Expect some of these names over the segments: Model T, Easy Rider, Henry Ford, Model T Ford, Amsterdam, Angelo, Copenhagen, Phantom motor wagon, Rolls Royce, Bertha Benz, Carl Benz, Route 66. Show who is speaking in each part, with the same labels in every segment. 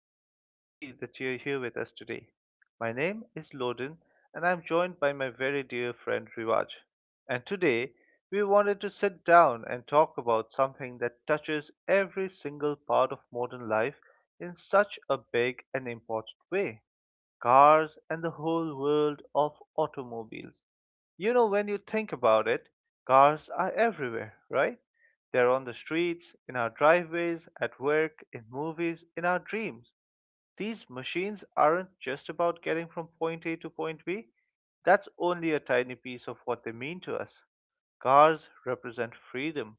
Speaker 1: I'm so happy that you're here with us today. My name is Loden, and I'm joined by my very dear friend Rivaj. And today, we wanted to sit down and talk about something that touches every single part of modern life in such a big and important way, cars and the whole world of automobiles. You know, when you think about it, cars are everywhere, right? They're on the streets, in our driveways, at work, in movies, in our dreams. These machines aren't just about getting from point A to point B. That's only a tiny piece of what they mean to us. Cars represent freedom.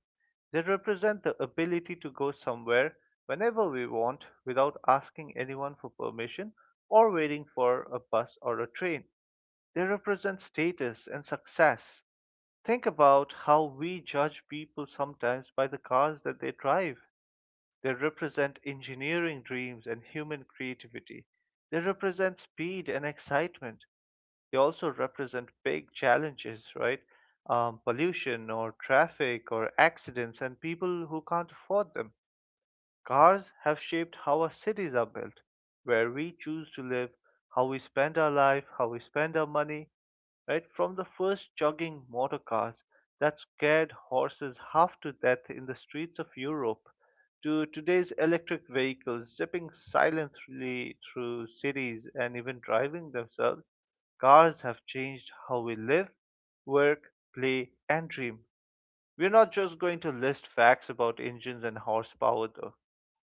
Speaker 1: They represent the ability to go somewhere whenever we want without asking anyone for permission or waiting for a bus or a train. They represent status and success. Think about how we judge people sometimes by the cars that they drive. They represent engineering dreams and human creativity. They represent speed and excitement. They also represent big challenges, right? Pollution or traffic or accidents and people who can't afford them. Cars have shaped how our cities are built, where we choose to live, how we spend our life, how we spend our money, right? From the first jogging motor cars that scared horses half to death in the streets of Europe to today's electric vehicles zipping silently through cities and even driving themselves, cars have changed how we live, work, play, and dream. We're not just going to list facts about engines and horsepower, though.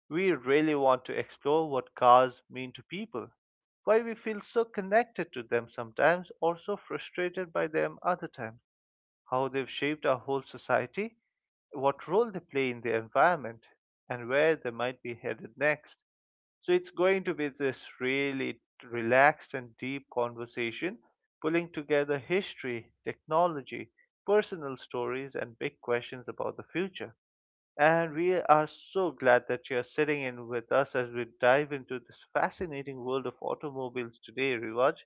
Speaker 1: We really want to explore what cars mean to people, why we feel so connected to them sometimes or so frustrated by them other times, how they've shaped our whole society, what role they play in the environment, and where they might be headed next. So it's going to be this really relaxed and deep conversation, pulling together history, technology, personal stories, and big questions about the future. And we are so glad that you are sitting in with us as we dive into this fascinating world of automobiles today, Rivaj.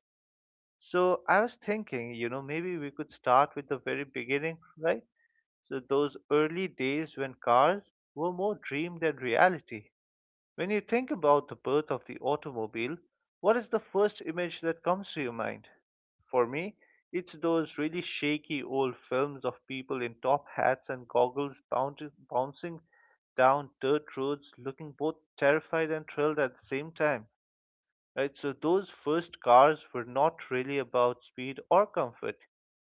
Speaker 1: So, I was thinking, you know, maybe we could start with the very beginning, right? So, those early days when cars were more dream than reality. When you think about the birth of the automobile, what is the first image that comes to your mind? For me, it's those really shaky old films of people in top hats and goggles bouncing down dirt roads looking both terrified and thrilled at the same time. Right? So, those first cars were not really about speed or comfort,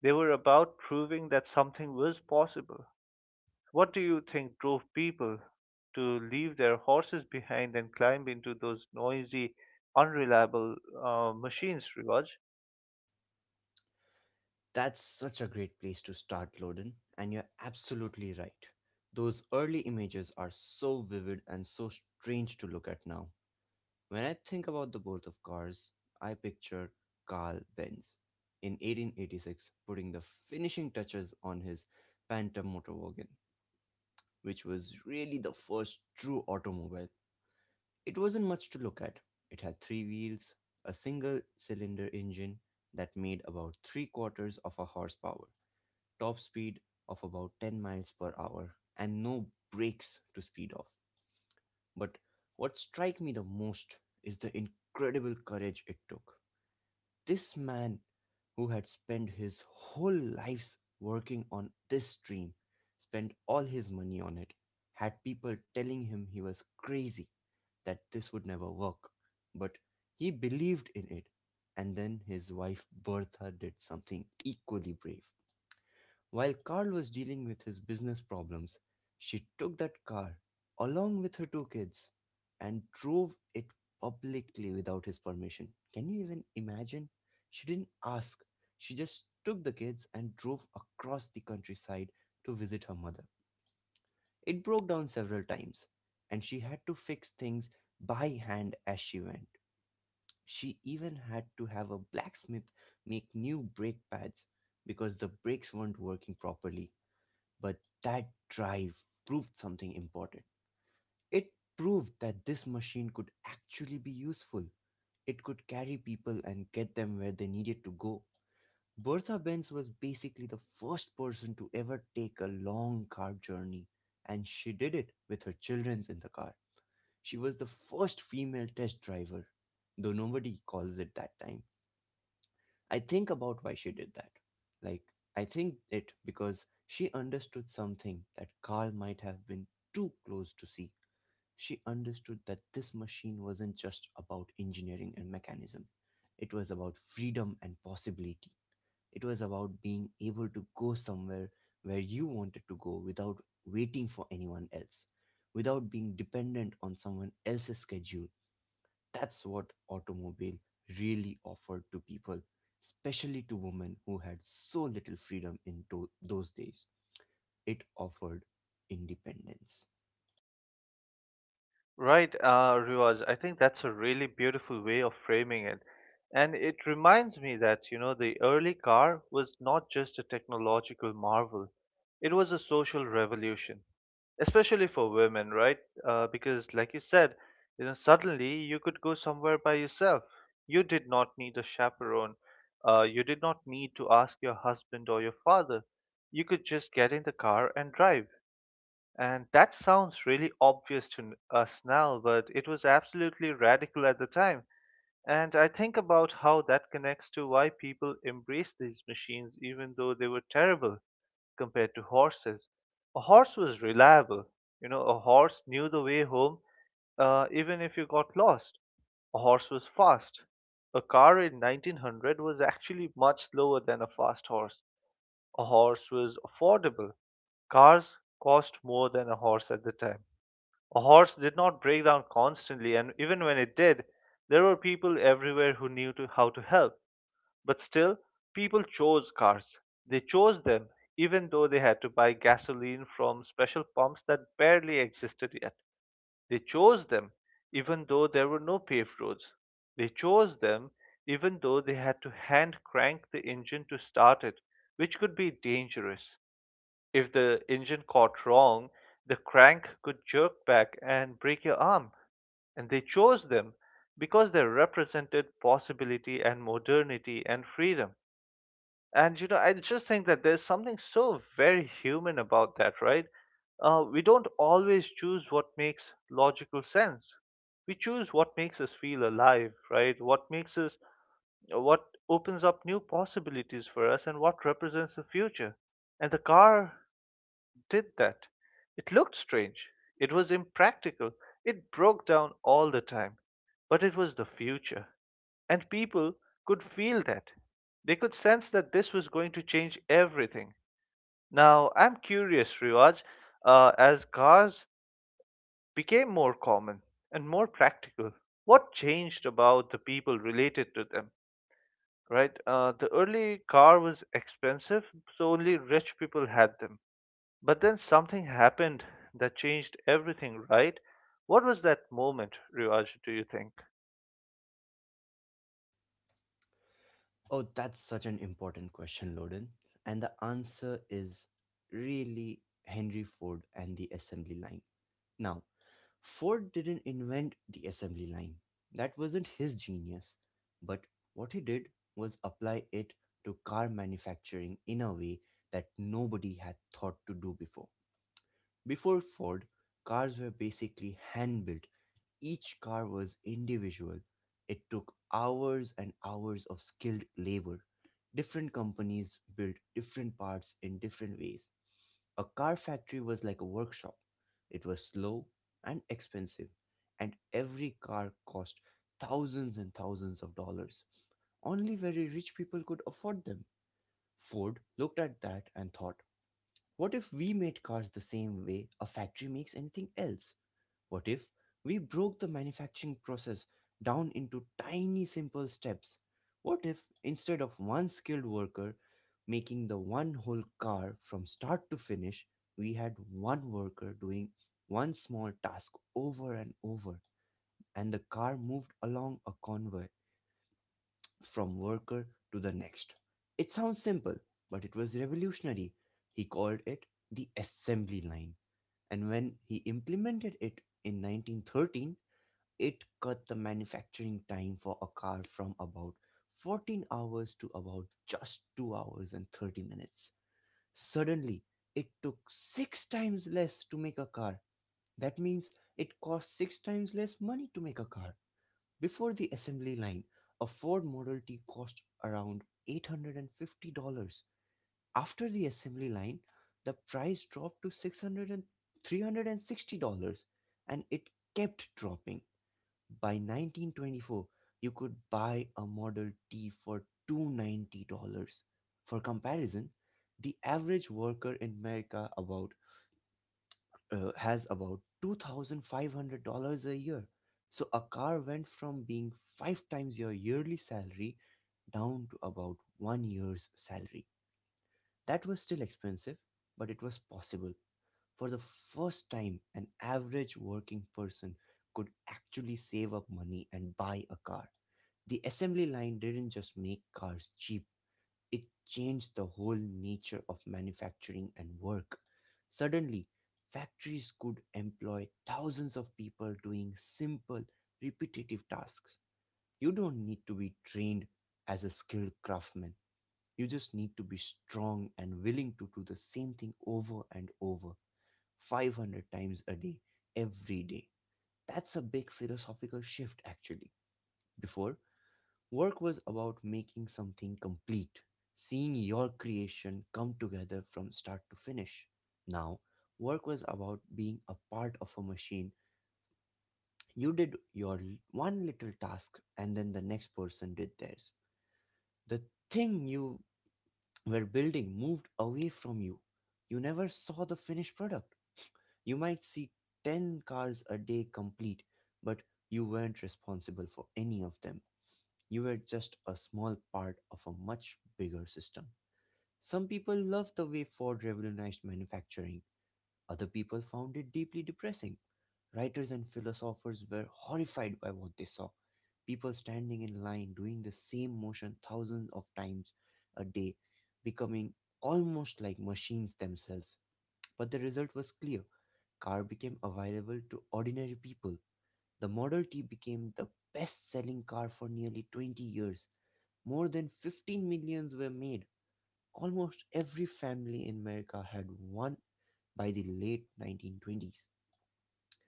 Speaker 1: they were about proving that something was possible. What do you think drove people to leave their horses behind and climb into those noisy, unreliable machines, Rivaj?
Speaker 2: That's such a great place to start, Loden, and you're absolutely right. Those early images are so vivid and so strange to look at now. When I think about the birth of cars, I picture Carl Benz in 1886 putting the finishing touches on his Phantom motor wagon, which was really the first true automobile. It wasn't much to look at. It had three wheels, a single cylinder engine that made about three-quarters of a horsepower, top speed of about 10 miles per hour, and no brakes to speed off. But what struck me the most is the incredible courage it took. This man who had spent his whole lives working on this dream, spent all his money on it, had people telling him he was crazy, that this would never work. But he believed in it. And then his wife Bertha did something equally brave. While Carl was dealing with his business problems, she took that car, along with her two kids, and drove it publicly without his permission. Can you even imagine? She didn't ask, she just took the kids and drove across the countryside to visit her mother. It broke down several times, and she had to fix things by hand as she went. She even had to have a blacksmith make new brake pads because the brakes weren't working properly. But that drive proved something important. It proved that this machine could actually be useful. It could carry people and get them where they needed to go. Bertha Benz was basically the first person to ever take a long car journey, and she did it with her children in the car. She was the first female test driver, though nobody calls it that time. I think about why she did that. Like, I think it because she understood something that Carl might have been too close to see. She understood that this machine wasn't just about engineering and mechanism, it was about freedom and possibility. It was about being able to go somewhere where you wanted to go without waiting for anyone else, without being dependent on someone else's schedule. That's what automobile really offered to people, especially to women who had so little freedom in those days. It offered independence.
Speaker 1: Right, Riwaj. I think that's a really beautiful way of framing it. And it reminds me that, you know, the early car was not just a technological marvel, it was a social revolution, especially for women, right? Because, like you said, you know, suddenly you could go somewhere by yourself. You did not need a chaperone. You did not need to ask your husband or your father. You could just get in the car and drive. And that sounds really obvious to us now, but it was absolutely radical at the time. And I think about how that connects to why people embraced these machines even though they were terrible compared to horses. A horse was reliable. You know, a horse knew the way home, even if you got lost. A horse was fast. A car in 1900 was actually much slower than a fast horse. A horse was affordable. Cars cost more than a horse at the time. A horse did not break down constantly, and even when it did, there were people everywhere who knew to how to help. But still, people chose cars. They chose them, even though they had to buy gasoline from special pumps that barely existed yet. They chose them, even though there were no paved roads. They chose them, even though they had to hand crank the engine to start it, which could be dangerous. If the engine caught wrong, the crank could jerk back and break your arm. And they chose them because they represented possibility and modernity and freedom. And you know, I just think that there's something so very human about that, right? We don't always choose what makes logical sense. We choose what makes us feel alive, right? What makes us, what opens up new possibilities for us, and what represents the future. And the car did that. It looked strange. It was impractical. It broke down all the time. But it was the future. And people could feel that. They could sense that this was going to change everything. Now, I'm curious, Riwaj, as cars became more common and more practical, what changed about the people related to them? Right? The early car was expensive, so only rich people had them. But then something happened that changed everything, right? What was that moment, Rivaj, do you think?
Speaker 2: Oh, that's such an important question, Loden. And the answer is really Henry Ford and the assembly line. Now, Ford didn't invent the assembly line. That wasn't his genius. But what he did was apply it to car manufacturing in a way that nobody had thought to do before. Before Ford, cars were basically hand built. Each car was individual. It took hours and hours of skilled labor. Different companies built different parts in different ways. A car factory was like a workshop. It was slow and expensive, and every car cost thousands and thousands of dollars. Only very rich people could afford them. Ford looked at that and thought, what if we made cars the same way a factory makes anything else? What if we broke the manufacturing process down into tiny simple steps? What if instead of one skilled worker making the one whole car from start to finish, we had one worker doing one small task over and over, and the car moved along a convoy from worker to the next? It sounds simple, but it was revolutionary. He called it the assembly line. And when he implemented it in 1913, it cut the manufacturing time for a car from about 14 hours to about just 2 hours and 30 minutes. Suddenly, it took 6 times less to make a car. That means it cost 6 times less money to make a car. Before the assembly line, a Ford Model T cost around $850. After the assembly line, the price dropped to six hundred and three hundred and sixty dollars, and it kept dropping. By 1924, you could buy a Model T for $290. For comparison, the average worker in America about has about $2,500 a year. So a car went from being five times your yearly salary down to about one year's salary. That was still expensive, but it was possible. For the first time, an average working person could actually save up money and buy a car. The assembly line didn't just make cars cheap, it changed the whole nature of manufacturing and work. Suddenly, factories could employ thousands of people doing simple, repetitive tasks. You don't need to be trained as a skilled craftsman. You just need to be strong and willing to do the same thing over and over, 500 times a day, every day. That's a big philosophical shift, actually. Before, work was about making something complete, seeing your creation come together from start to finish. Now, work was about being a part of a machine. You did your one little task, and then the next person did theirs. The thing you were building moved away from you. You never saw the finished product. You might see 10 cars a day complete, but you weren't responsible for any of them. You were just a small part of a much bigger system. Some people loved the way Ford revolutionized manufacturing; other people found it deeply depressing. Writers and philosophers were horrified by what they saw. People standing in line doing the same motion thousands of times a day, becoming almost like machines themselves. But the result was clear. Car became available to ordinary people. The Model T became the best-selling car for nearly 20 years. More than 15 millions were made. Almost every family in America had one by the late 1920s.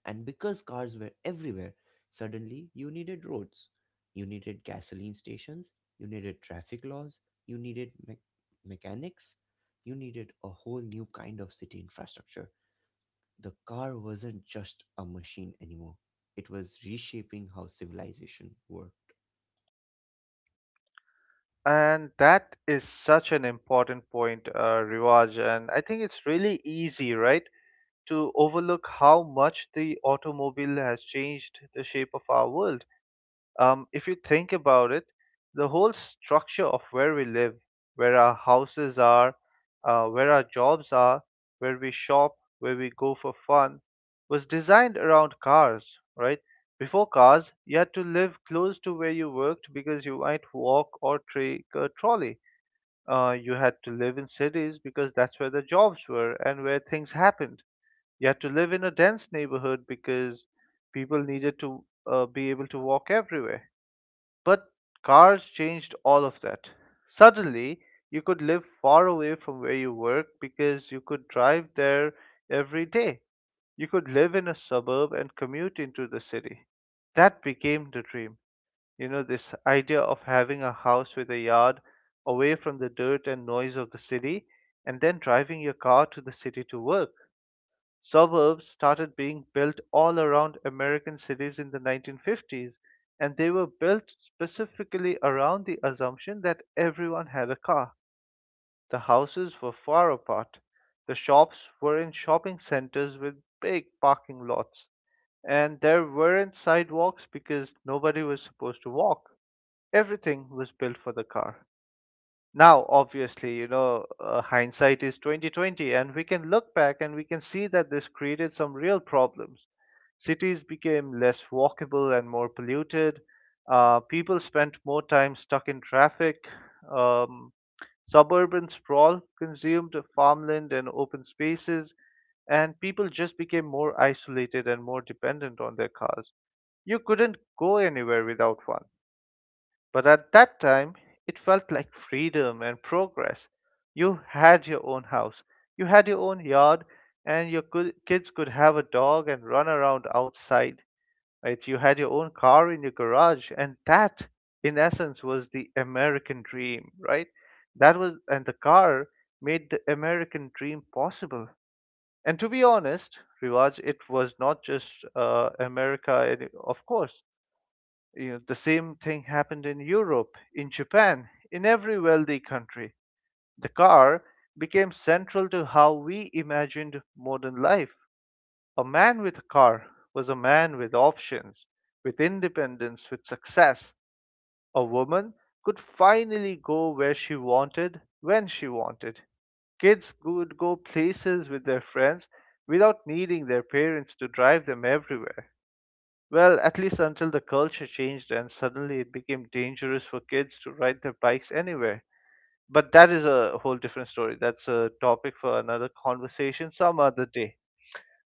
Speaker 2: And because cars were everywhere, suddenly you needed roads, you needed gasoline stations, you needed traffic laws, you needed mechanics, you needed a whole new kind of city infrastructure. The car wasn't just a machine anymore, it was reshaping how civilization worked.
Speaker 1: And that is such an important point, Rivaj. And I think it's really easy, right, to overlook how much the automobile has changed the shape of our world. If you think about it, the whole structure of where we live, where our houses are, where our jobs are, where we shop, where we go for fun, was designed around cars, right? Before cars, you had to live close to where you worked because you might walk or take a trolley. You had to live in cities because that's where the jobs were and where things happened. You had to live in a dense neighborhood because people needed to be able to walk everywhere, but cars changed all of that. Suddenly, you could live far away from where you work because you could drive there every day. You could live in a suburb and commute into the city. That became the dream. You know, this idea of having a house with a yard away from the dirt and noise of the city and then driving your car to the city to work. Suburbs started being built all around American cities in the 1950s, and they were built specifically around the assumption that everyone had a car. The houses were far apart. The shops were in shopping centers with big parking lots, and there weren't sidewalks because nobody was supposed to walk. Everything was built for the car. Now, obviously, you know, hindsight is 2020, and we can look back and we can see that this created some real problems. Cities became less walkable and more polluted. People spent more time stuck in traffic. Um, Suburban sprawl consumed farmland and open spaces, and people just became more isolated and more dependent on their cars. You couldn't go anywhere without one. But at that time, it felt like freedom and progress. You had your own house, you had your own yard, and your good, kids could have a dog and run around outside. Right? You had your own car in your garage, and that, in essence, was the American dream, right? That was, and the car made the American dream possible. And to be honest, Rivaj, it was not just America, it- of course, you know, the same thing happened in Europe, in Japan, in every wealthy country. The car became central to how we imagined modern life. A man with a car was a man with options, with independence, with success. A woman could finally go where she wanted, when she wanted. Kids could go places with their friends without needing their parents to drive them everywhere. Well, at least until the culture changed and suddenly it became dangerous for kids to ride their bikes anywhere. But that is a whole different story. That's a topic for another conversation some other day.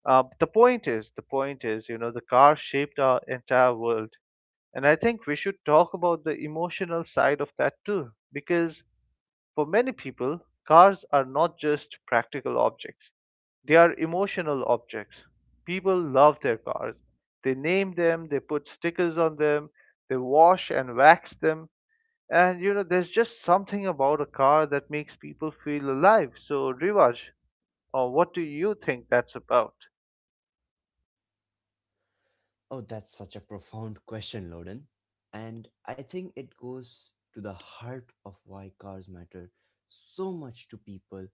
Speaker 1: The point is, you know, the car shaped our entire world. And I think we should talk about the emotional side of that too, because for many people, cars are not just practical objects, they are emotional objects. People love their cars. They name them, they put stickers on them, they wash and wax them. And you know, there's just something about a car that makes people feel alive. So, Rivaj, what do you think that's about?
Speaker 2: Oh, that's such a profound question, Loden. And I think it goes to the heart of why cars matter so much to people,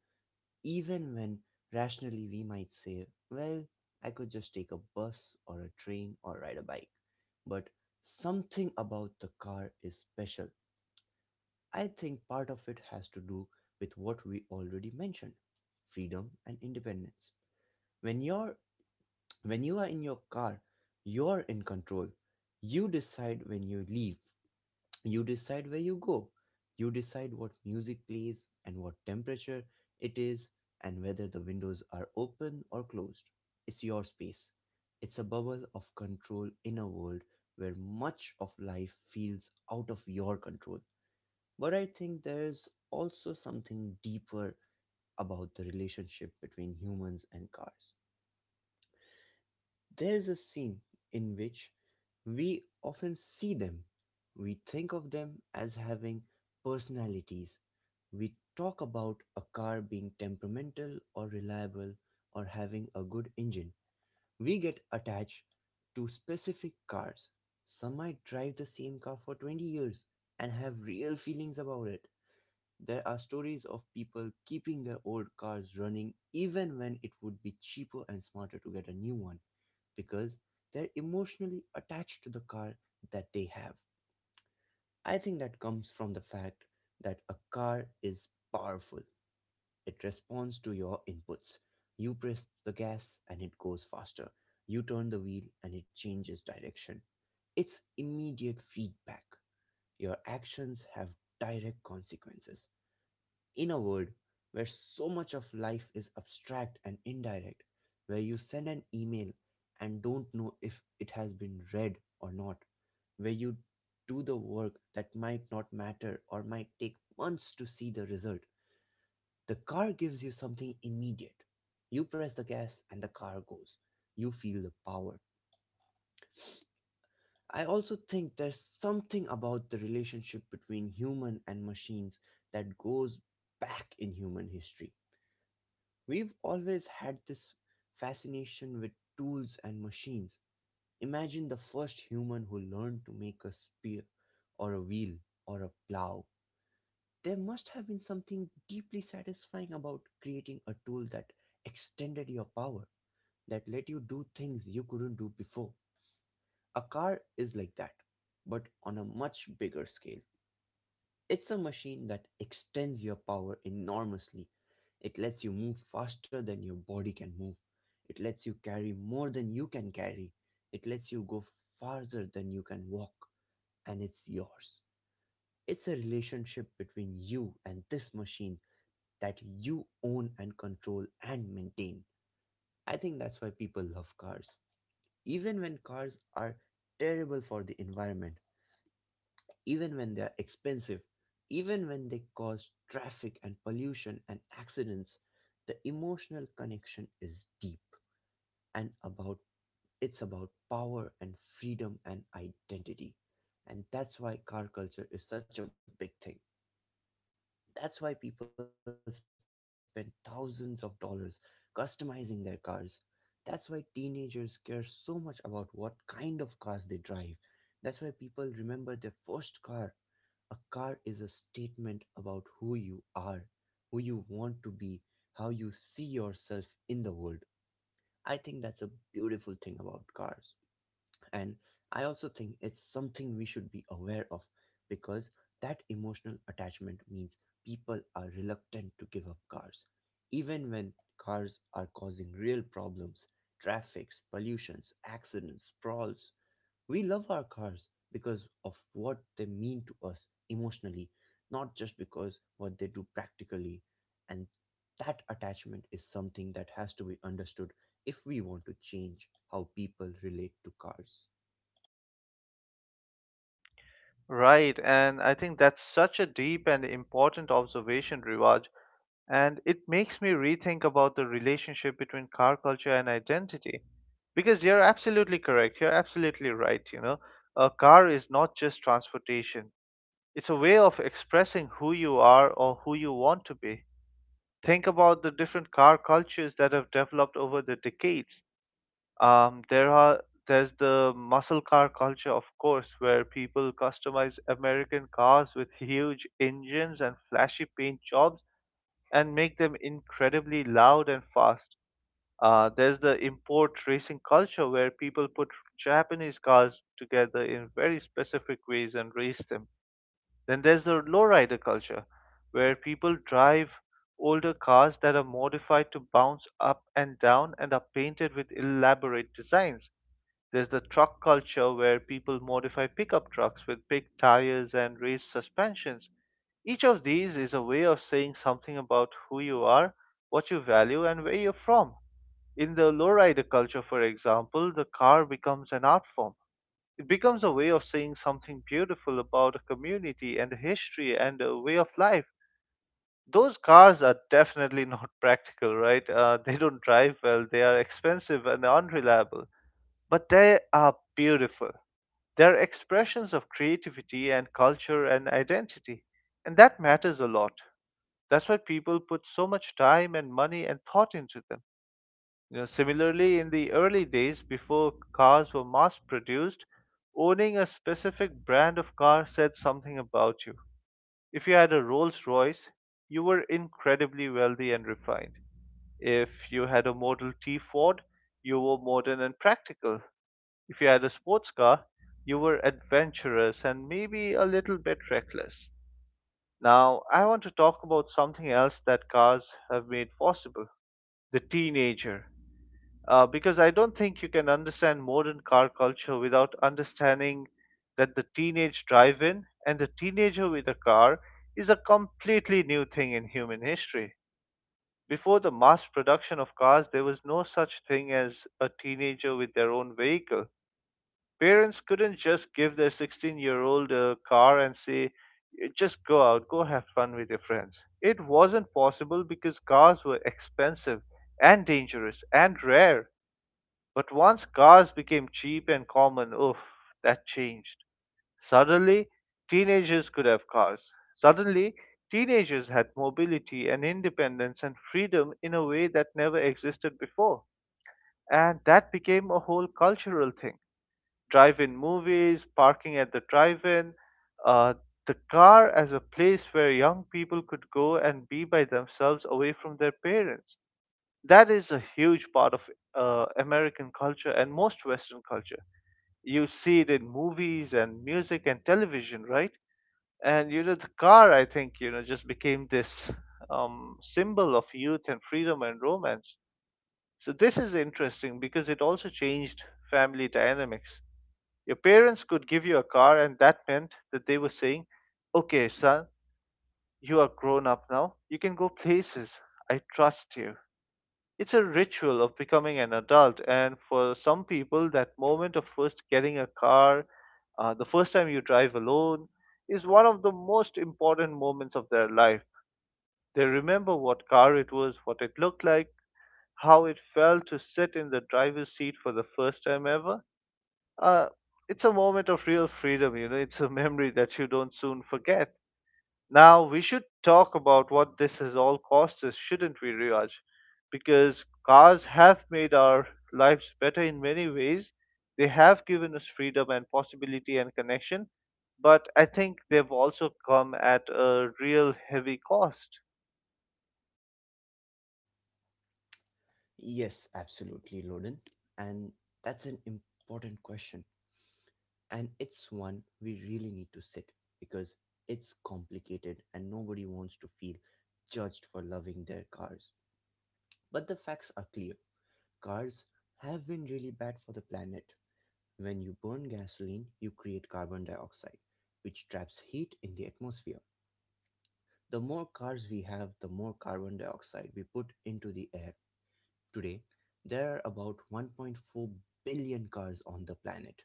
Speaker 2: even when rationally we might say, well, I could just take a bus or a train or ride a bike. But something about the car is special. I think part of it has to do with what we already mentioned: freedom and independence. When you're when you are in your car, you're in control. You decide when you leave, you decide where you go, you decide what music plays and what temperature it is and whether the windows are open or closed. It's your space. It's a bubble of control in a world where much of life feels out of your control. But I think there's also something deeper about the relationship between humans and cars. There's a scene in which we often see them. We think of them as having personalities. We talk about a car being temperamental or reliable or having a good engine. We get attached to specific cars. Some might drive the same car for 20 years and have real feelings about it. There are stories of people keeping their old cars running even when it would be cheaper and smarter to get a new one because they're emotionally attached to the car that they have. I think that comes from the fact that a car is powerful. It responds to your inputs. You press the gas and it goes faster. You turn the wheel and it changes direction. It's immediate feedback. Your actions have direct consequences in a world where so much of life is abstract and indirect, where you send an email and don't know if it has been read or not, where you do the work that might not matter or might take months to see the result, the car gives you something immediate. You press the gas and the car goes. You feel the power. I also think there's something about the relationship between human and machines that goes back in human history. We've always had this fascination with tools and machines. Imagine the first human who learned to make a spear or a wheel or a plow. There must have been something deeply satisfying about creating a tool that extended your power, that let you do things you couldn't do before. A car is like that, but on a much bigger scale. It's a machine that extends your power enormously. It lets you move faster than your body can move. It lets you carry more than you can carry. It lets you go farther than you can walk, and it's yours. It's a relationship between you and this machine that you own and control and maintain. I think that's why people love cars. Even when cars are terrible for the environment, even when they are expensive, even when they cause traffic and pollution and accidents, the emotional connection is deep, and about it's about power and freedom and identity. And that's why car culture is such a big thing. That's why people spend thousands of dollars customizing their cars. That's why teenagers care so much about what kind of cars they drive. That's why people remember their first car. A car is a statement about who you are, who you want to be, how you see yourself in the world. I think that's a beautiful thing about cars. And I also think it's something we should be aware of, because that emotional attachment means people are reluctant to give up cars, even when cars are causing real problems: traffics, pollutions, accidents, sprawls. We love our cars because of what they mean to us emotionally, not just because what they do practically. And that attachment is something that has to be understood if we want to change how people relate to cars.
Speaker 1: Right, and I think that's such a deep and important observation, Rivaj. And it makes me rethink about the relationship between car culture and identity. Because you're absolutely correct. You're absolutely right. You know, a car is not just transportation, it's a way of expressing who you are or who you want to be. Think about the different car cultures that have developed over the decades. There's the muscle car culture, of course, where people customize American cars with huge engines and flashy paint jobs and make them incredibly loud and fast. There's the import racing culture where people put Japanese cars together in very specific ways and race them. Then there's the lowrider culture where people drive older cars that are modified to bounce up and down and are painted with elaborate designs. There's the truck culture where people modify pickup trucks with big tires and raised suspensions. Each of these is a way of saying something about who you are, what you value, and where you're from. In the lowrider culture, for example, the car becomes an art form. It becomes a way of saying something beautiful about a community and a history and a way of life. Those cars are definitely not practical, right? They don't drive well, they are expensive and unreliable, but they are beautiful. They're expressions of creativity and culture and identity, and that matters a lot. That's why people put so much time and money and thought into them. You know, similarly, in the early days before cars were mass produced, owning a specific brand of car said something about you. If you had a Rolls Royce, you were incredibly wealthy and refined. If you had a Model T Ford, you were modern and practical. If you had a sports car, you were adventurous and maybe a little bit reckless. Now, I want to talk about something else that cars have made possible: the teenager. Because I don't think you can understand modern car culture without understanding that the teenage drive in and the teenager with a car is a completely new thing in human history. Before the mass production of cars, there was no such thing as a teenager with their own vehicle. Parents couldn't just give their 16-year-old a car and say, "Eh, just go out, go have fun with your friends." It wasn't possible because cars were expensive and dangerous and rare. But once cars became cheap and common, oof, that changed. Suddenly, teenagers could have cars. Suddenly, teenagers had mobility and independence and freedom in a way that never existed before. And that became a whole cultural thing: drive-in movies, parking at the drive-in, uh, the car as a place where young people could go and be by themselves away from their parents. That is a huge part of American culture and most Western culture. You see it in movies and music and television, right? And you know, the car, I think, you know, just became this symbol of youth and freedom and romance. So this is interesting because it also changed family dynamics. Your parents could give you a car, and that meant that they were saying, "Okay, son, you are grown up now. You can go places. I trust you." It's a ritual of becoming an adult, and for some people, that moment of first getting a car, the first time you drive alone, is one of the most important moments of their life. They remember what car it was, what it looked like, how it felt to sit in the driver's seat for the first time ever. uh, it's a moment of real freedom, you know, it's a memory that you don't soon forget. Now, we should talk about what this has all cost us, shouldn't we, Riaj? Because cars have made our lives better in many ways. They have given us freedom and possibility and connection, but I think they've also come at a real heavy cost.
Speaker 2: Yes, absolutely, Loden. And that's an important question. And it's one we really need to sit, because it's complicated and nobody wants to feel judged for loving their cars. But the facts are clear. Cars have been really bad for the planet. When you burn gasoline, you create carbon dioxide, which traps heat in the atmosphere. The more cars we have, the more carbon dioxide we put into the air. Today, there are about 1.4 billion cars on the planet.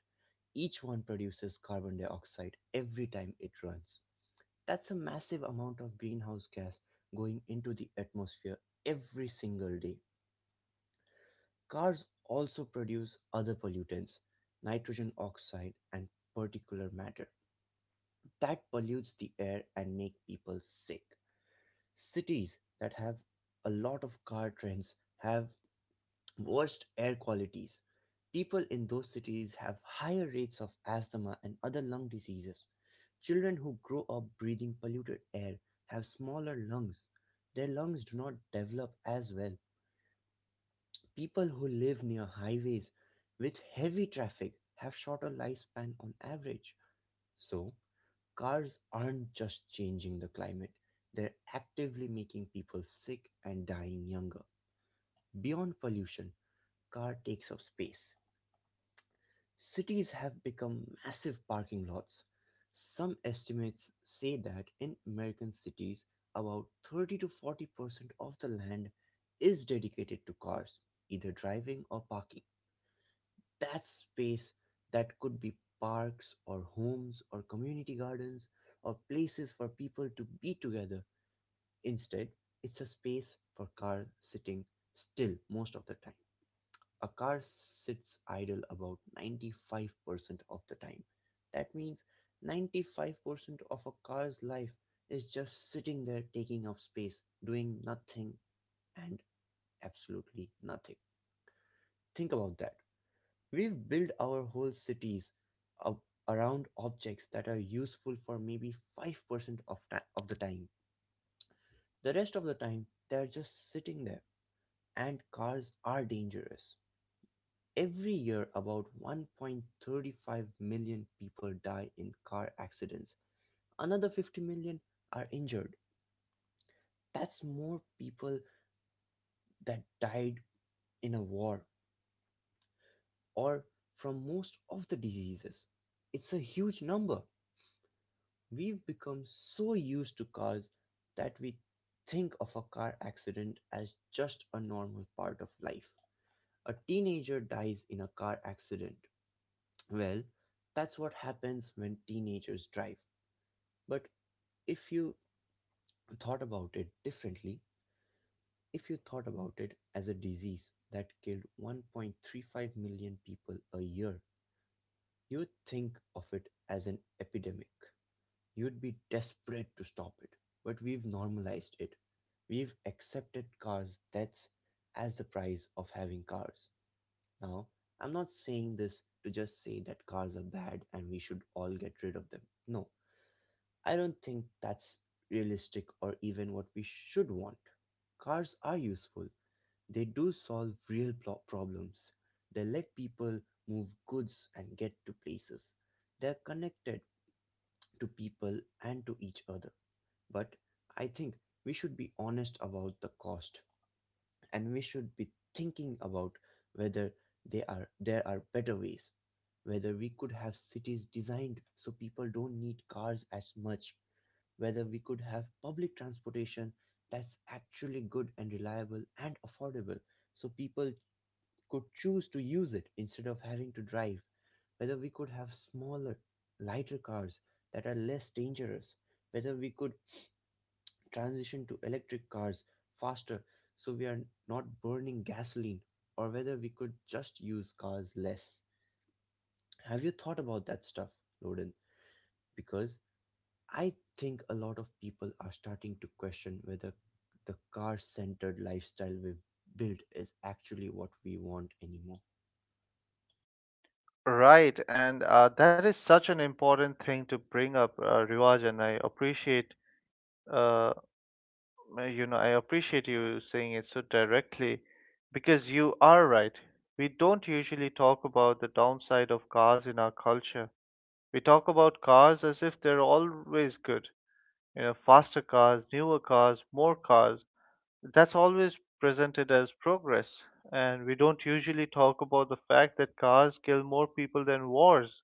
Speaker 2: Each one produces carbon dioxide every time it runs. That's a massive amount of greenhouse gas going into the atmosphere every single day. Cars also produce other pollutants, nitrogen oxide and particulate matter, that pollutes the air and make people sick. Cities that have a lot of car trends have worst air qualities. People in those cities have higher rates of asthma and other lung diseases. Children who grow up breathing polluted air have smaller lungs. Their lungs do not develop as well. People who live near highways with heavy traffic have shorter lifespan on average. So, cars aren't just changing the climate, they're actively making people sick and dying younger. Beyond pollution, car takes up space. Cities have become massive parking lots. Some estimates say that in American cities, about 30 to 40% of the land is dedicated to cars, either driving or parking. That space that could be parks or homes or community gardens or places for people to be together. Instead, it's a space for cars sitting still most of the time. A car sits idle about 95% of the time. That means 95% of a car's life is just sitting there taking up space, doing nothing and absolutely nothing. Think about that. We've built our whole cities up around objects that are useful for maybe 5% of the time. The rest of the time, they're just sitting there. And cars are dangerous. Every year, about 1.35 million people die in car accidents. Another 50 million are injured. That's more people that died in a war or from most of the diseases. It's a huge number. We've become so used to cars that we think of a car accident as just a normal part of life. A teenager dies in a car accident. Well, that's what happens when teenagers drive. But if you thought about it differently, if you thought about it as a disease that killed 1.35 million people a year, you would think of it as an epidemic. You'd be desperate to stop it. But we've normalized it. We've accepted cars' deaths as the price of having cars. Now, I'm not saying this to just say that cars are bad and we should all get rid of them. No, I don't think that's realistic or even what we should want. Cars are useful. They do solve real problems. They let people move goods and get to places. They're connected to people and to each other. But I think we should be honest about the cost, and we should be thinking about whether they are there are better ways, whether we could have cities designed so people don't need cars as much, whether we could have public transportation that's actually good and reliable and affordable so people could choose to use it instead of having to drive, whether we could have smaller, lighter cars that are less dangerous, whether we could transition to electric cars faster so we are not burning gasoline, or whether we could just use cars less. Have you thought about that stuff, Loden? Because I think a lot of people are starting to question whether the car centered lifestyle we've built is actually what we want anymore.
Speaker 1: Right, and that is such an important thing to bring up, Rivaj, and I appreciate uh, you know, I appreciate you saying it so directly because you are right. We don't usually talk about the downside of cars in our culture. We talk about cars as if they're always good. You know, faster cars, newer cars, more cars. That's always presented as progress. And we don't usually talk about the fact that cars kill more people than wars.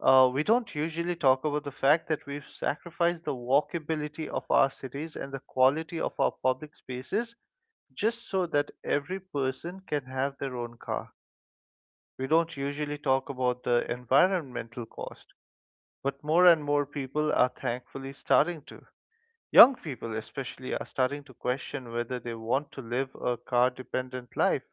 Speaker 1: We don't usually talk about the fact that we've sacrificed the walkability of our cities and the quality of our public spaces just so that every person can have their own car. We don't usually talk about the environmental cost, but more and more people are thankfully starting to. Young people, especially, are starting to question whether they want to live a car dependent life.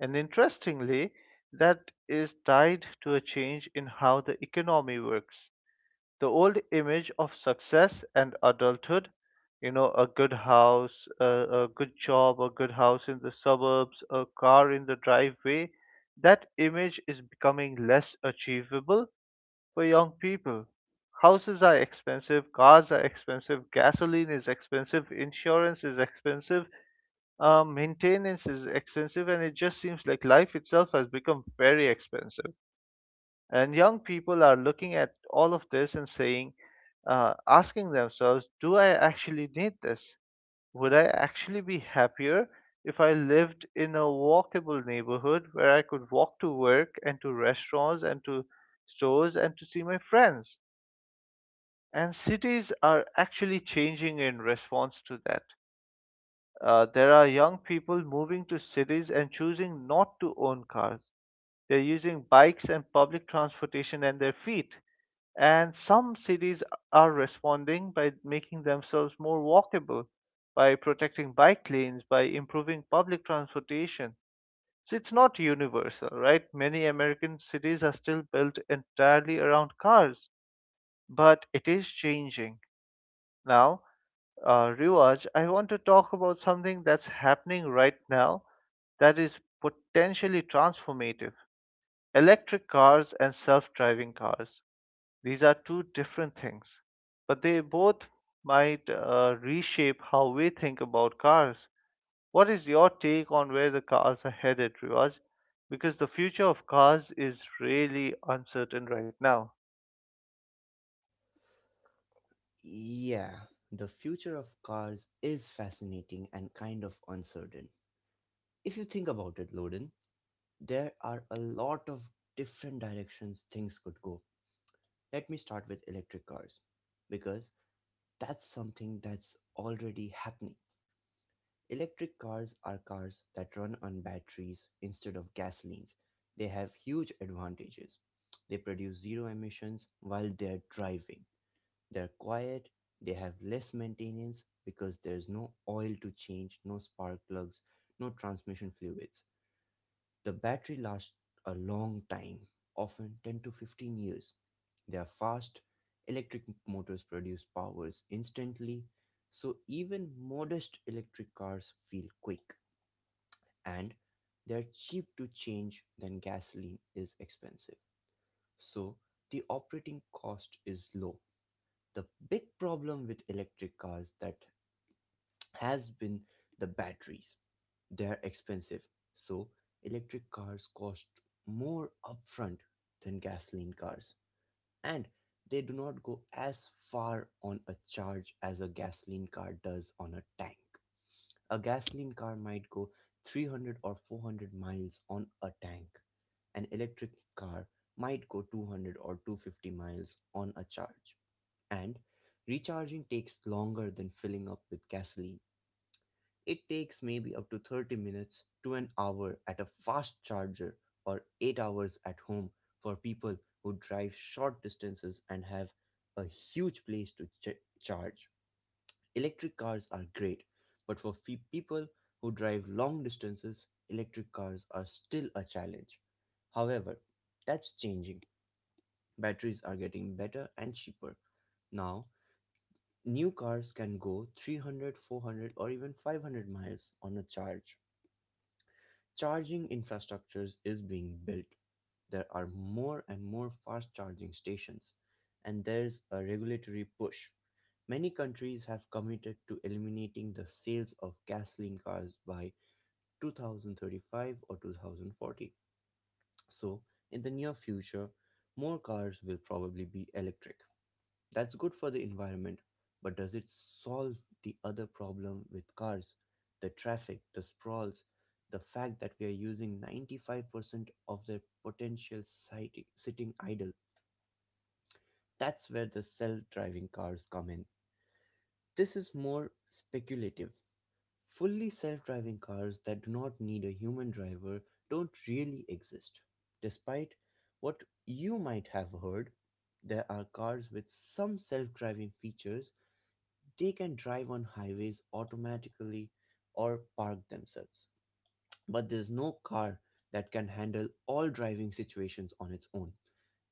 Speaker 1: And interestingly, that is tied to a change in how the economy works. The old image of success and adulthood, you know, a good house a good job, a good house in the suburbs, a car in the driveway, that image is becoming less achievable for young people. Houses are expensive, cars are expensive, gasoline is expensive, insurance is expensive, maintenance is expensive, and it just seems like life itself has become very expensive. And young people are looking at all of this and saying, asking themselves, do I actually need this? Would I actually be happier if I lived in a walkable neighborhood where I could walk to work and to restaurants and to stores and to see my friends? And cities are actually changing in response to that. There are young people moving to cities and choosing not to own cars. They're using bikes and public transportation and their feet. And some cities are responding by making themselves more walkable, by protecting bike lanes, by improving public transportation. So it's not universal, right? Many American cities are still built entirely around cars, but it is changing. Now, Riwaj, I want to talk about something that's happening right now that is potentially transformative: electric cars and self driving cars. These are two different things, but they both might reshape how we think about cars. What is your take on where the cars are headed, Riwaj? Because the future of cars is really uncertain right now.
Speaker 2: Yeah, the future of cars is fascinating and kind of uncertain. If you think about it, Loden, there are a lot of different directions things could go. Let me start with electric cars because that's something that's already happening. Electric cars are cars that run on batteries instead of gasolines. They have huge advantages. They produce zero emissions while they're driving. They're quiet, they have less maintenance because there's no oil to change, no spark plugs, no transmission fluids. The battery lasts a long time, often 10 to 15 years. Their fast electric motors produce powers instantly, so even modest electric cars feel quick, and they're cheap to change than gasoline is expensive. So the operating cost is low. The big problem with electric cars that has been the batteries. They're expensive, so electric cars cost more upfront than gasoline cars, and they do not go as far on a charge as a gasoline car does on a tank. A gasoline car might go 300 or 400 miles on a tank. An electric car might go 200 or 250 miles on a charge, and recharging takes longer than filling up with gasoline. It takes maybe up to 30 minutes to an hour at a fast charger, or 8 hours at home for people who drive short distances and have a huge place to charge. Electric cars are great, but for people who drive long distances, electric cars are still a challenge. However, that's changing. Batteries are getting better and cheaper. Now, new cars can go 300, 400, or even 500 miles on a charge. Charging infrastructures is being built. There are more and more fast charging stations, and there's a regulatory push. Many countries have committed to eliminating the sales of gasoline cars by 2035 or 2040. So, in the near future, more cars will probably be electric. That's good for the environment, but does it solve the other problem with cars? The traffic, the sprawls, the fact that we are using 95% of their potential sitting idle. That's where the self driving cars come in. This is more speculative. Fully self driving cars that do not need a human driver don't really exist. Despite what you might have heard, there are cars with some self driving features. They can drive on highways automatically or park themselves. But there's no car that can handle all driving situations on its own.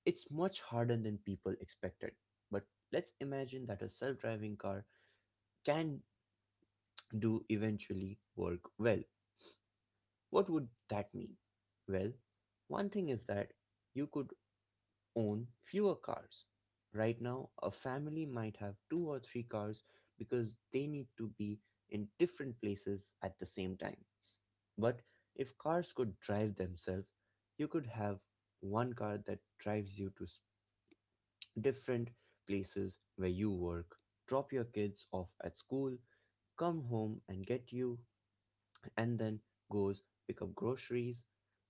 Speaker 2: It's much harder than people expected. But let's imagine that a self driving car can do eventually work well. What would that mean? Well, one thing is that you could own fewer cars. Right now, a family might have two or three cars because they need to be in different places at the same time. But if cars could drive themselves, you could have one car that drives you to different places where you work, drop your kids off at school, come home and get you, and then goes pick up groceries.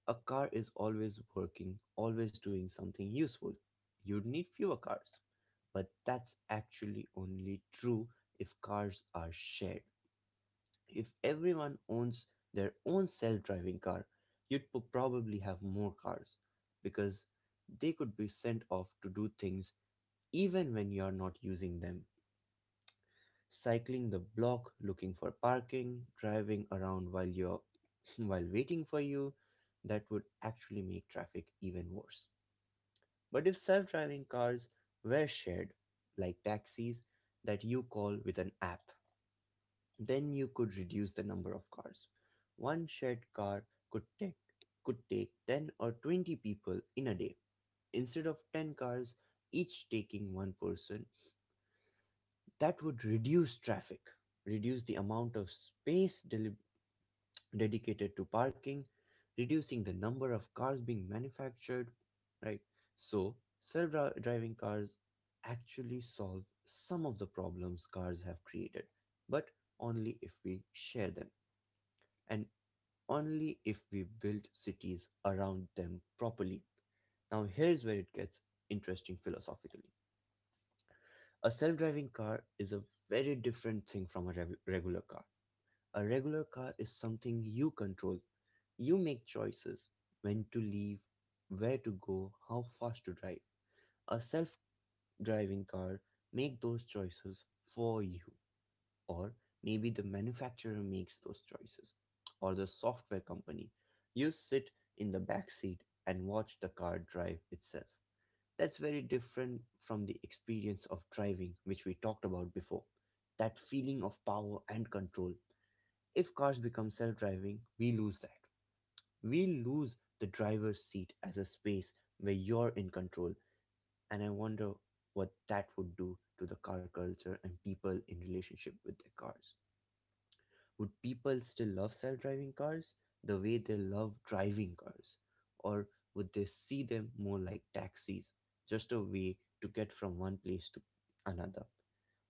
Speaker 2: A car is always working, always doing something useful. You'd need fewer cars, but that's actually only true if cars are shared. If everyone owns their own self driving car, you'd probably have more cars because they could be sent off to do things even when you're not using them, cycling the block looking for parking, driving around while you're while waiting for you. That would actually make traffic even worse. But if self-driving cars were shared, like taxis that you call with an app, then you could reduce the number of cars. One shared car could take could take 10 or 20 people in a day instead of 10 cars each taking one person. That would reduce traffic, reduce the amount of space dedicated to parking, reducing the number of cars being manufactured, right? So, self driving cars actually solve some of the problems cars have created, but only if we share them, and only if we build cities around them properly. Now, here's where it gets interesting philosophically. A self driving car is a very different thing from a regular car. A regular car is something you control. You make choices when to leave, where to go, how fast to drive. A self driving car makes those choices for you, or maybe the manufacturer makes those choices, or the software company. You sit in the back seat and watch the car drive itself. That's very different from the experience of driving, which we talked about before. That feeling of power and control if cars become self driving, we lose that. We lose the driver's seat as a space where you're in control, and I wonder what that would do to the car culture and people in relationship with their cars. Would people still love self driving cars the way they love driving cars? Or would they see them more like taxis, just a way to get from one place to another?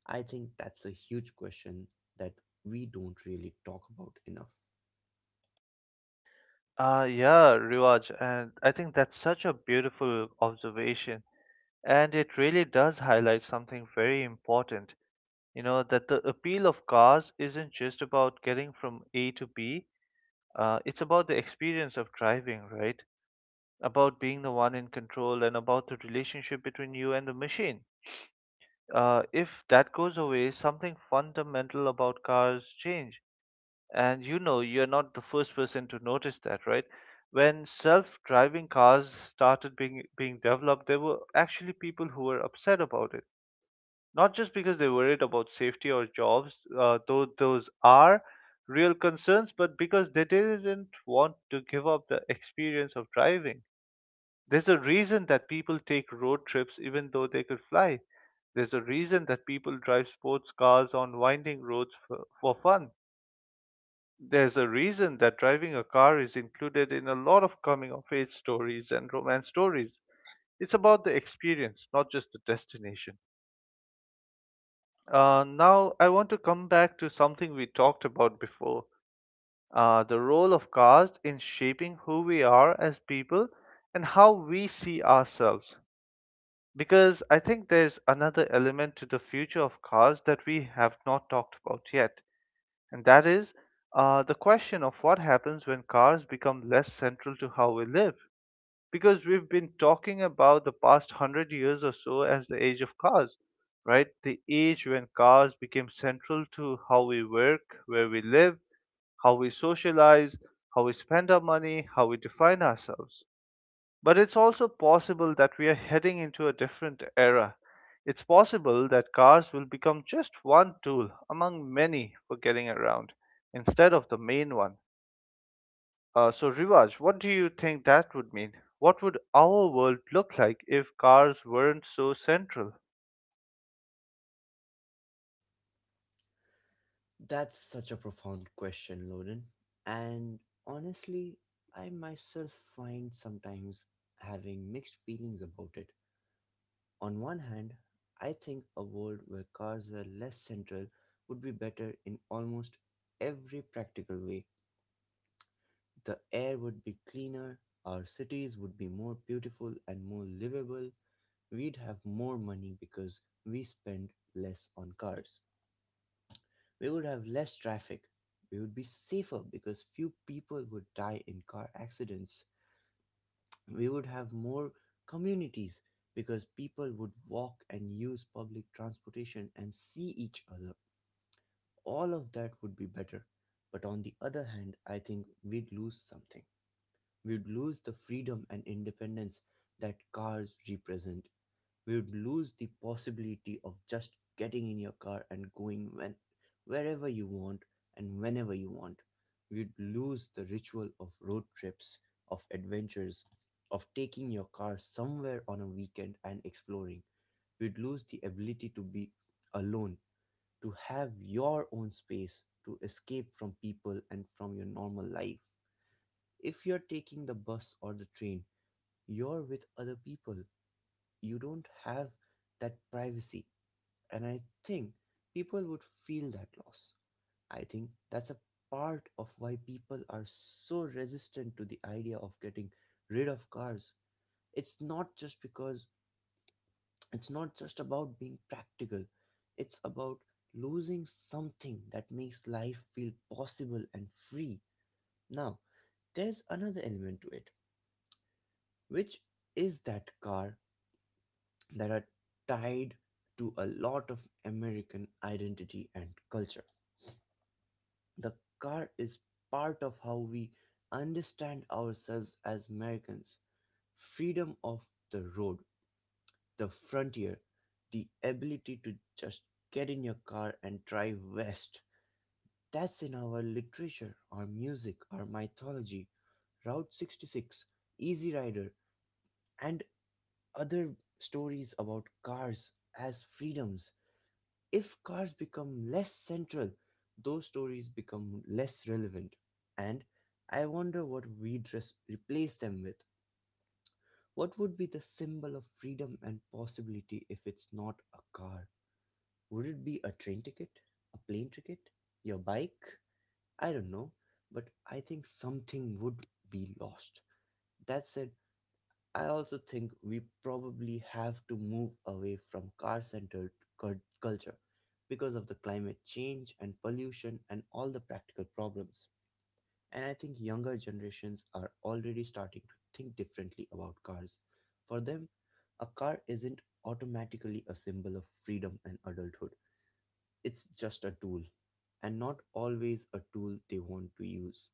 Speaker 2: I think that's a huge question that we don't really talk about enough.
Speaker 1: Yeah, Riwaj, and I think that's such a beautiful observation. And it really does highlight something very important, you know, that the appeal of cars isn't just about getting from A to B, it's about the experience of driving, right? About being the one in control and about the relationship between you and the machine. If that goes away, something fundamental about cars change. And you know, you're not the first person to notice that, right? When self-driving cars started being developed, there were actually people who were upset about it, not just because they're worried about safety or jobs, though those are real concerns, but because they didn't want to give up the experience of driving. There's a reason that people take road trips even though they could fly. There's a reason that people drive sports cars on winding roads for fun. There's a reason that driving a car is included in a lot of coming of age stories and romance stories. It's about the experience, not just the destination. Now, I want to come back to something we talked about before, the role of caste in shaping who we are as people and how we see ourselves. Because I think there's another element to the future of caste that we have not talked about yet, and that is the question of what happens when cars become less central to how we live. Because we've been talking about the past 100 years or so as the age of cars, right, the age when cars became central to how we work, where we live, how we socialize, how we spend our money, how we define ourselves. But it's also possible that we are heading into a different era. It's possible that cars will become just one tool among many for getting around instead of the main one. So, Rivaj, what do you think that would mean? What would our world look like if cars weren't so central?
Speaker 2: That's such a profound question, Loden. And honestly, I myself find sometimes having mixed feelings about it. On one hand, I think a world where cars were less central would be better in almost every practical way. The air would be cleaner, our cities would be more beautiful and more livable, we'd have more money because we spend less on cars. We would have less traffic. We would be safer because few people would die in car accidents. We would have more communities because people would walk and use public transportation and see each other. All of that would be better. But on the other hand, I think we'd lose something. We'd lose the freedom and independence that cars represent. We would lose the possibility of just getting in your car and going when wherever you want and whenever you want. We'd lose the ritual of road trips, of adventures, of taking your car somewhere on a weekend and exploring. We'd lose the ability to be alone, to have your own space, to escape from people and from your normal life. If you're taking the bus or the train, you're with other people. You don't have that privacy, and I think people would feel that loss. I think that's a part of why people are so resistant to the idea of getting rid of cars. It's not just because it's not just about being practical, it's about losing something that makes life feel possible and free. Now, there's another element to it, which is that car that are tied to a lot of American identity and culture. The car is part of how we understand ourselves as Americans: freedom of the road, the frontier, the ability to just get in your car and drive west. That's in our literature, our music, our mythology. Route 66, Easy Rider, and other stories about cars as freedoms. If cars become less central, those stories become less relevant. And I wonder what we'd replace them with. What would be the symbol of freedom and possibility if it's not a car? Would it be a train ticket? A plane ticket? Your bike? I don't know. But I think something would be lost. That said. I also think we probably have to move away from car centered culture because of the climate change and pollution and all the practical problems. And I think younger generations are already starting to think differently about cars. For them, a car isn't automatically a symbol of freedom and adulthood, it's just a tool, and not always a tool they want to use.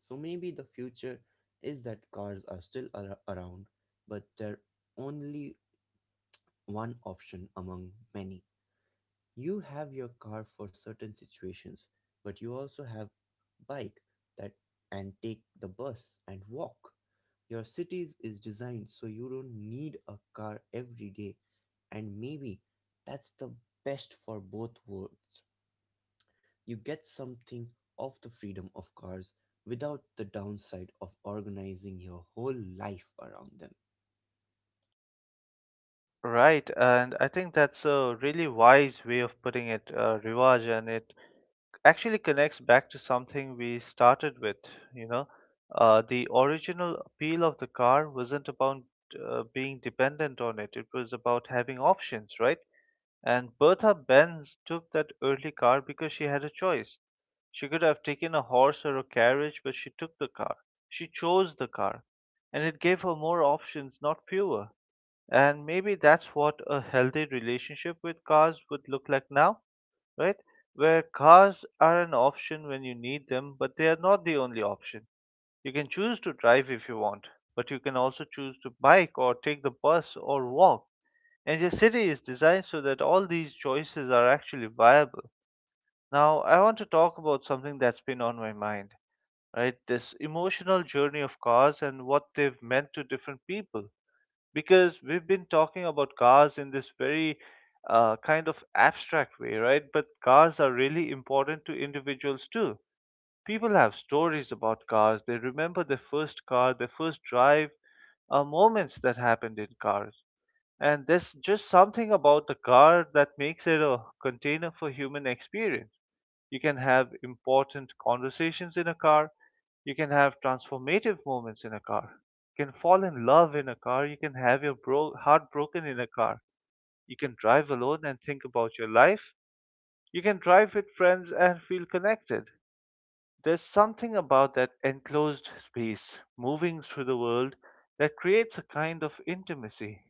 Speaker 2: So maybe the future is that cars are still around, but they're only one option among many. You have your car for certain situations, but you also have bike that and take the bus and walk. Your cities is designed so you don't need a car every day, and maybe that's the best for both worlds. You get something of the freedom of cars without the downside of organizing your whole life around them.
Speaker 1: Right, and I think that's a really wise way of putting it, Rivaj, and it actually connects back to something we started with. You know, the original appeal of the car wasn't about being dependent on it, it was about having options, right? And Bertha Benz took that early car because she had a choice. She could have taken a horse or a carriage, but she took the car. She chose the car. And it gave her more options, not fewer. And maybe that's what a healthy relationship with cars would look like now, right? Where cars are an option when you need them, but they are not the only option. You can choose to drive if you want, but you can also choose to bike or take the bus or walk. And your city is designed so that all these choices are actually viable. Now, I want to talk about something that's been on my mind, right? This emotional journey of cars and what they've meant to different people. Because we've been talking about cars in this very kind of abstract way, right? But cars are really important to individuals too. People have stories about cars. They remember their first car, their first drive, moments that happened in cars. And there's just something about the car that makes it a container for human experience. You can have important conversations in a car. You can have transformative moments in a car. You can fall in love in a car. You can have your heart broken in a car. You can drive alone and think about your life. You can drive with friends and feel connected. There's something about that enclosed space, moving through the world, that creates a kind of intimacy.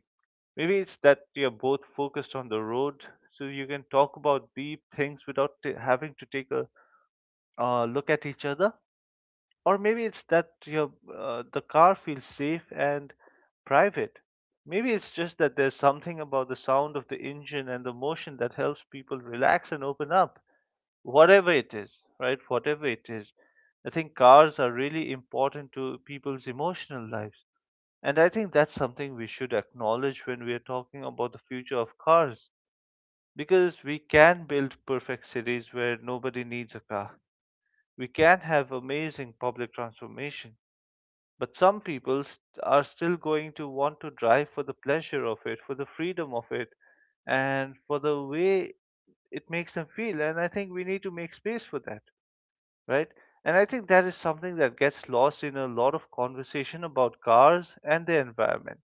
Speaker 1: Maybe it's that you're both focused on the road, so you can talk about deep things without having to take a look at each other. Or maybe it's that your the car feels safe and private. Maybe it's just that there's something about the sound of the engine and the motion that helps people relax and open up whatever it is, right? Whatever it is, I think cars are really important to people's emotional lives. And I think that's something we should acknowledge when we are talking about the future of cars, because we can build perfect cities where nobody needs a car. We can have amazing public transformation, but are still going to want to drive for the pleasure of it, for the freedom of it, and for the way it makes them feel. And I think we need to make space for that, right? And I think that is something that gets lost in a lot of conversation about cars and the environment.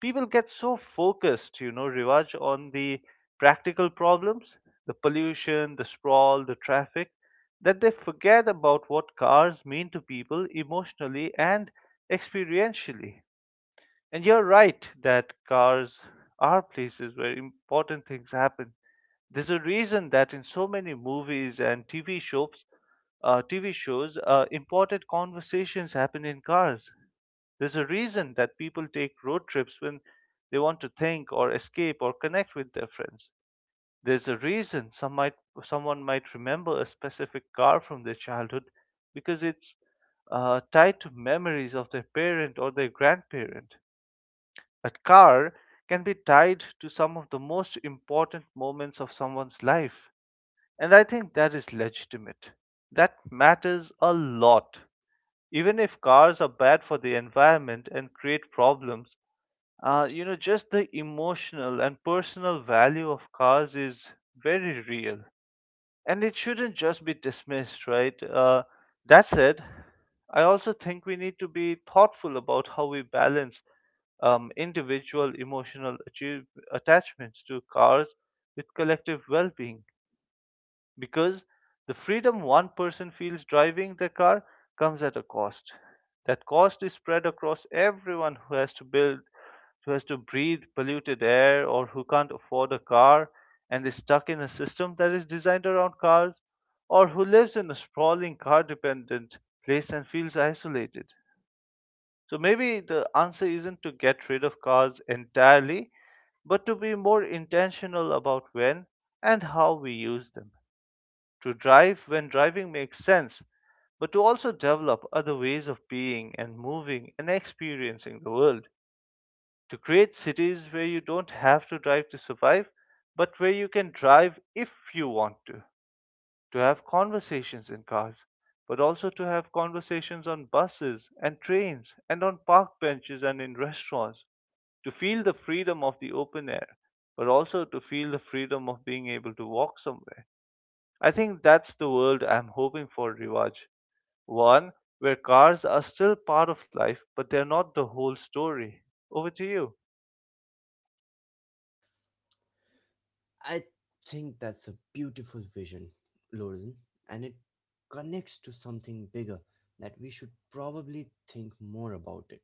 Speaker 1: People get so focused, you know, Rivaj, on the practical problems, the pollution, the sprawl, the traffic, that they forget about what cars mean to people emotionally and experientially. And you're right that cars are places where important things happen. There's a reason that in so many movies and TV shows, important conversations happen in cars. There's a reason that people take road trips when they want to think or escape or connect with their friends. There's a reason someone might remember a specific car from their childhood because it's tied to memories of their parent or their grandparent. A car can be tied to some of the most important moments of someone's life. And I think that is legitimate. That matters a lot. Even if cars are bad for the environment and create problems, you know, just the emotional and personal value of cars is very real. And it shouldn't just be dismissed, right? That said, I also think we need to be thoughtful about how we balance individual attachments to cars with collective well being, because the freedom one person feels driving their car comes at a cost. That cost is spread across everyone who has to build, who has to breathe polluted air, or who can't afford a car and is stuck in a system that is designed around cars, or who lives in a sprawling car dependent place and feels isolated. So maybe the answer isn't to get rid of cars entirely, but to be more intentional about when and how we use them, to drive when driving makes sense, but to also develop other ways of being and moving and experiencing the world. To create cities where you don't have to drive to survive, but where you can drive if you want to. To have conversations in cars, but also to have conversations on buses and trains and on park benches and in restaurants. To feel the freedom of the open air, but also to feel the freedom of being able to walk somewhere. I think that's the world I'm hoping for, Rivaj. One where cars are still part of life, but they're not the whole story. Over to you.
Speaker 2: I think that's a beautiful vision, Lauren, and it connects to something bigger that we should probably think more about it.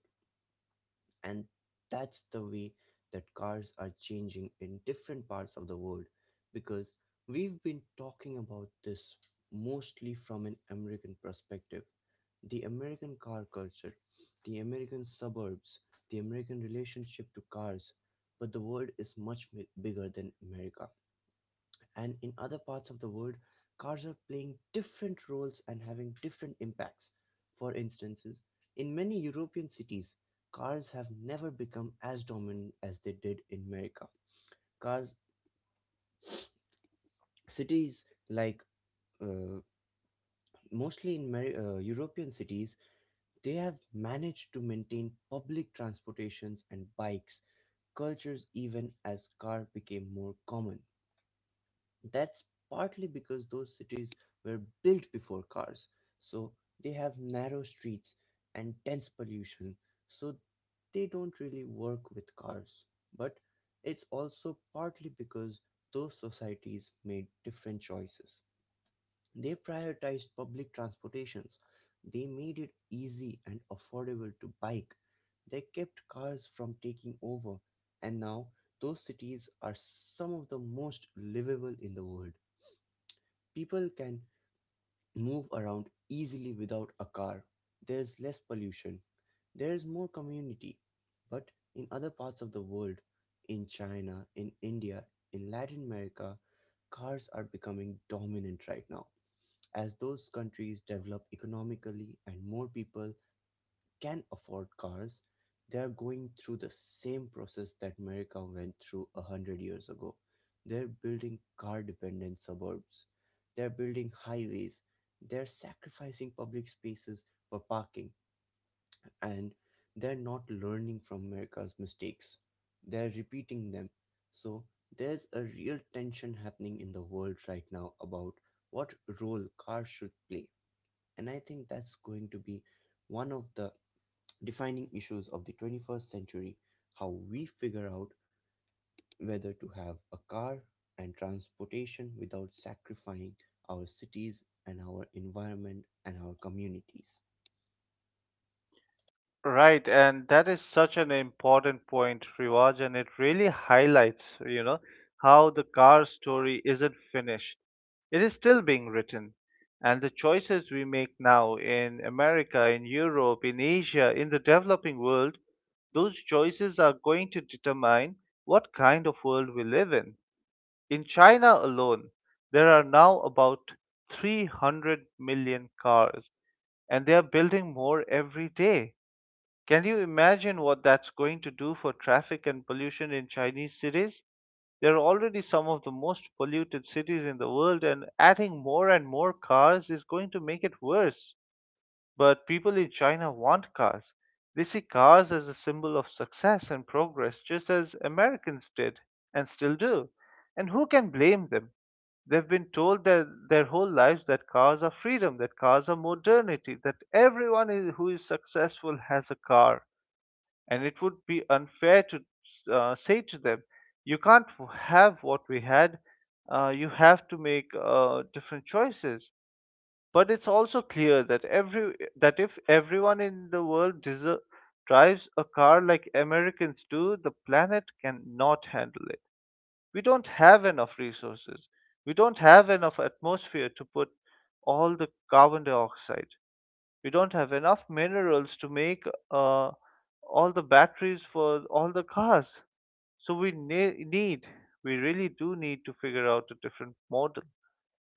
Speaker 2: And that's the way that cars are changing in different parts of the world because we've been talking about this mostly from an American perspective. The American car culture, the American suburbs, the American relationship to cars, but the world is much bigger than America and in other parts of the world, cars are playing different roles and having different impacts. For instances, in many European cities, cars have never become as dominant as they did in America. Cars, cities like uh, European cities, they have managed to maintain public transportations and bikes cultures even as car became more common. That's partly because those cities were built before cars, so they have narrow streets and dense pollution, so they don't really work with cars. But it's also partly because those societies made different choices. They prioritized public transportations, they made it easy and affordable to bike, they kept cars from taking over, and now those cities are some of the most livable in the world. People can move around easily without a car. There's less pollution. There's more community. But in other parts of the world, in China, in India, in Latin America, cars are becoming dominant right now. As those countries develop economically and more people can afford cars, they are going through the same process that America went through a hundred years ago. They're building car dependent suburbs, they're building highways, they're sacrificing public spaces for parking, and they're not learning from America's mistakes. They're repeating them. So there's a real tension happening in the world right now about what role cars should play. And I think that's going to be one of the defining issues of the 21st century: how we figure out whether to have a car and transportation without sacrificing our cities and our environment and our communities.
Speaker 1: Right, and that is such an important point, Rivaj, and it really highlights, you know, how the car story isn't finished. It is still being written, and the choices we make now in America, in Europe, in Asia, in the developing world, those choices are going to determine what kind of world we live in. In China alone, there are now about 300 million cars, and they are building more every day. Can you imagine what that's going to do for traffic and pollution in Chinese cities? They're already some of the most polluted cities in the world, and adding more and more cars is going to make it worse. But people in China want cars. They see cars as a symbol of success and progress, just as Americans did and still do. And who can blame them? They've been told their whole lives that cars are freedom, that cars are modernity, that who is successful has a car. And it would be unfair to say to them, you can't have what we had, you have to make different choices. But it's also clear that every that if everyone in the world deser drives a car like Americans do, the planet cannot handle it. We don't have enough resources. We don't have enough atmosphere to put all the carbon dioxide. We don't have enough minerals to make uh, all the batteries for all the cars. So we really do need to figure out a different model.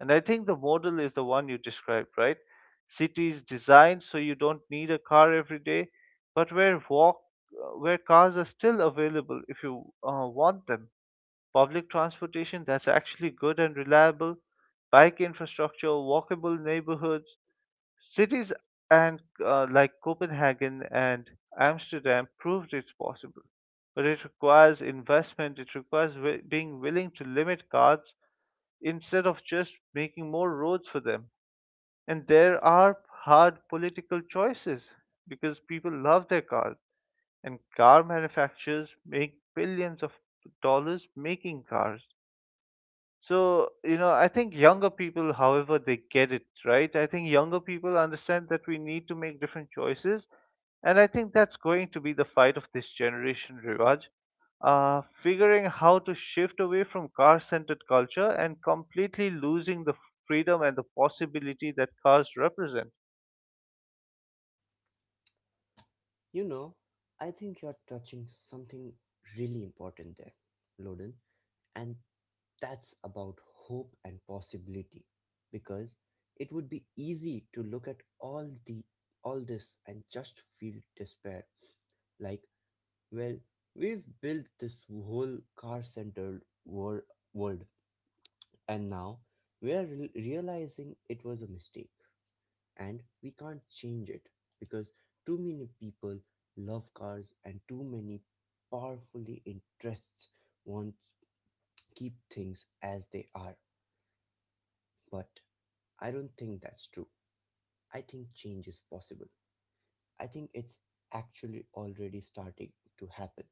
Speaker 1: And I think the model is the one you described, right? Cities designed so you don't need a car every day, but where cars are still available if you want them. Public transportation that's actually good and reliable, bike infrastructure, walkable neighborhoods. Cities and like Copenhagen and Amsterdam proved it's possible, but it requires investment. It requires being willing to limit cars instead of just making more roads for them. And there are hard political choices because people love their cars, and car manufacturers make billions of dollars making cars. So, you know, I think younger people, however, they get it, right? I think younger people understand that we need to make different choices. And I think that's going to be the fight of this generation, Rivaj. Figuring how to shift away from car centered culture and completely losing the freedom and the possibility that cars represent.
Speaker 2: You know, I think you're touching something really important there, Loden, and that's about hope and possibility because it would be easy to look at all the all this and just feel despair like, well, we've built this whole car centered world, and now we are realizing it was a mistake and we can't change it because too many people love cars and too many powerfully interests want keep things as they are. But I don't think that's true. I think change is possible. I think it's actually already starting to happen.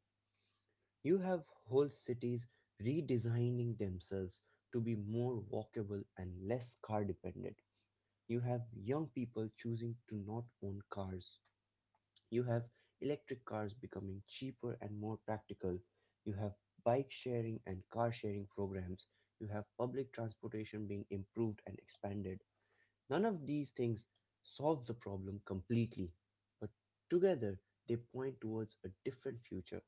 Speaker 2: You have whole cities redesigning themselves to be more walkable and less car dependent. You have young people choosing to not own cars. You have electric cars becoming cheaper and more practical. You have bike sharing and car sharing programs. You have public transportation being improved and expanded. None of these things solve the problem completely, but together they point towards a different future,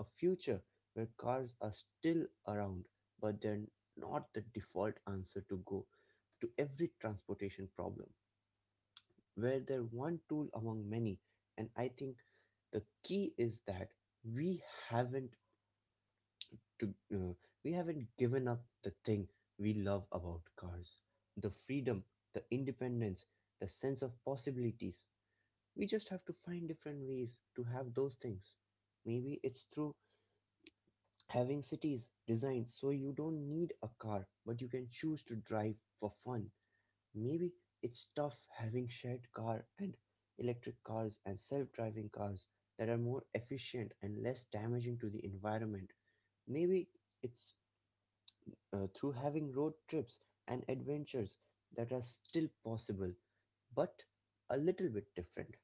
Speaker 2: a future where cars are still around, but they're not the default answer to go to every transportation problem, where they're one tool among many. And I think the key is that we haven't to uh, we haven't given up the thing we love about cars, the freedom, the independence, the sense of possibilities. We just have to find different ways to have those things. Maybe it's through having cities designed so you don't need a car but you can choose to drive for fun. Maybe it's tough having shared car and electric cars and self-driving cars that are more efficient and less damaging to the environment. Maybe it's through having road trips and adventures that are still possible but a little bit different.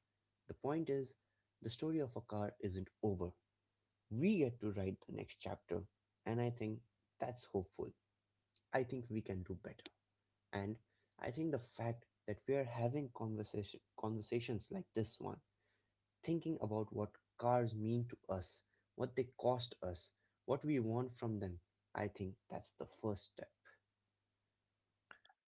Speaker 2: The point is the story of a car isn't over. We get to write the next chapter, and I think that's hopeful. I think we can do better, and I think the fact that we are having conversations like this one, thinking about what cars mean to us, what they cost us, what we want from them, I think that's the first step.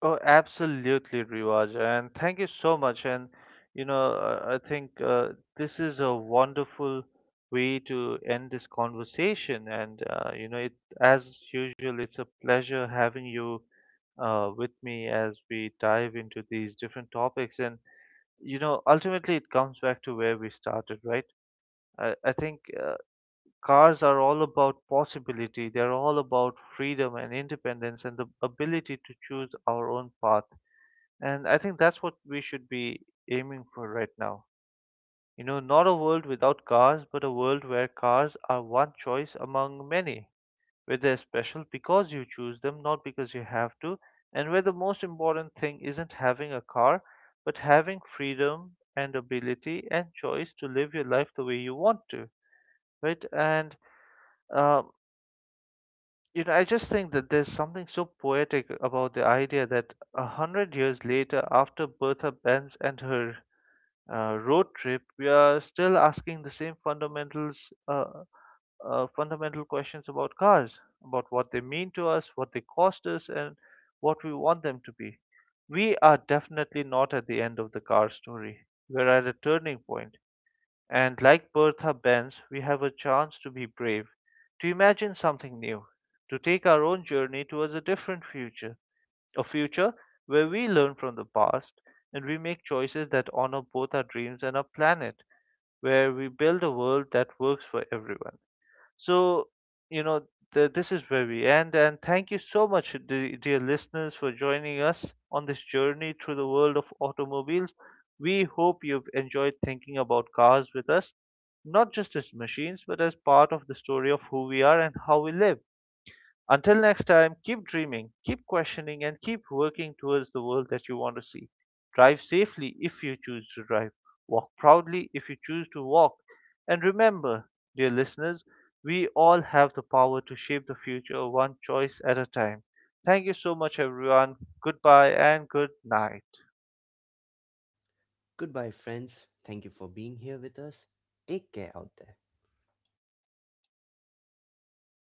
Speaker 1: Oh, absolutely, Riwaj, and thank you so much. And you know, I think this is a wonderful way to end this conversation. And you know, it as usual, it's a pleasure having you with me as we dive into these different topics. And you know, ultimately, it comes back to where we started, right? I think cars are all about possibility. They're all about freedom and independence and the ability to choose our own path, and I think that's what we should be aiming for right now. You know, not a world without cars, but a world where cars are one choice among many, where they're special because you choose them, not because you have to, and where the most important thing isn't having a car, but having freedom and ability and choice to live your life the way you want to, right? And, um, you know, I just think that there's something so poetic about the idea that a hundred years later, after Bertha Benz and her road trip, we are still asking uh, fundamental questions about cars, about what they mean to us, what they cost us, and what we want them to be. We are definitely not at the end of the car story. We're at a turning point, and like Bertha Benz, we have a chance to be brave, to imagine something new, to take our own journey towards a different future, a future where we learn from the past and we make choices that honor both our dreams and our planet, where we build a world that works for everyone. So, you know, this is where we end. And thank you so much, dear listeners, for joining us on this journey through the world of automobiles. We hope you've enjoyed thinking about cars with us, not just as machines, but as part of the story of who we are and how we live. Until next time, keep dreaming, keep questioning, and keep working towards the world that you want to see. Drive safely if you choose to drive, walk proudly if you choose to walk. And remember, dear listeners, we all have the power to shape the future one choice at a time. Thank you so much, everyone. Goodbye and good night.
Speaker 2: Goodbye, friends. Thank you for being here with us. Take care out there.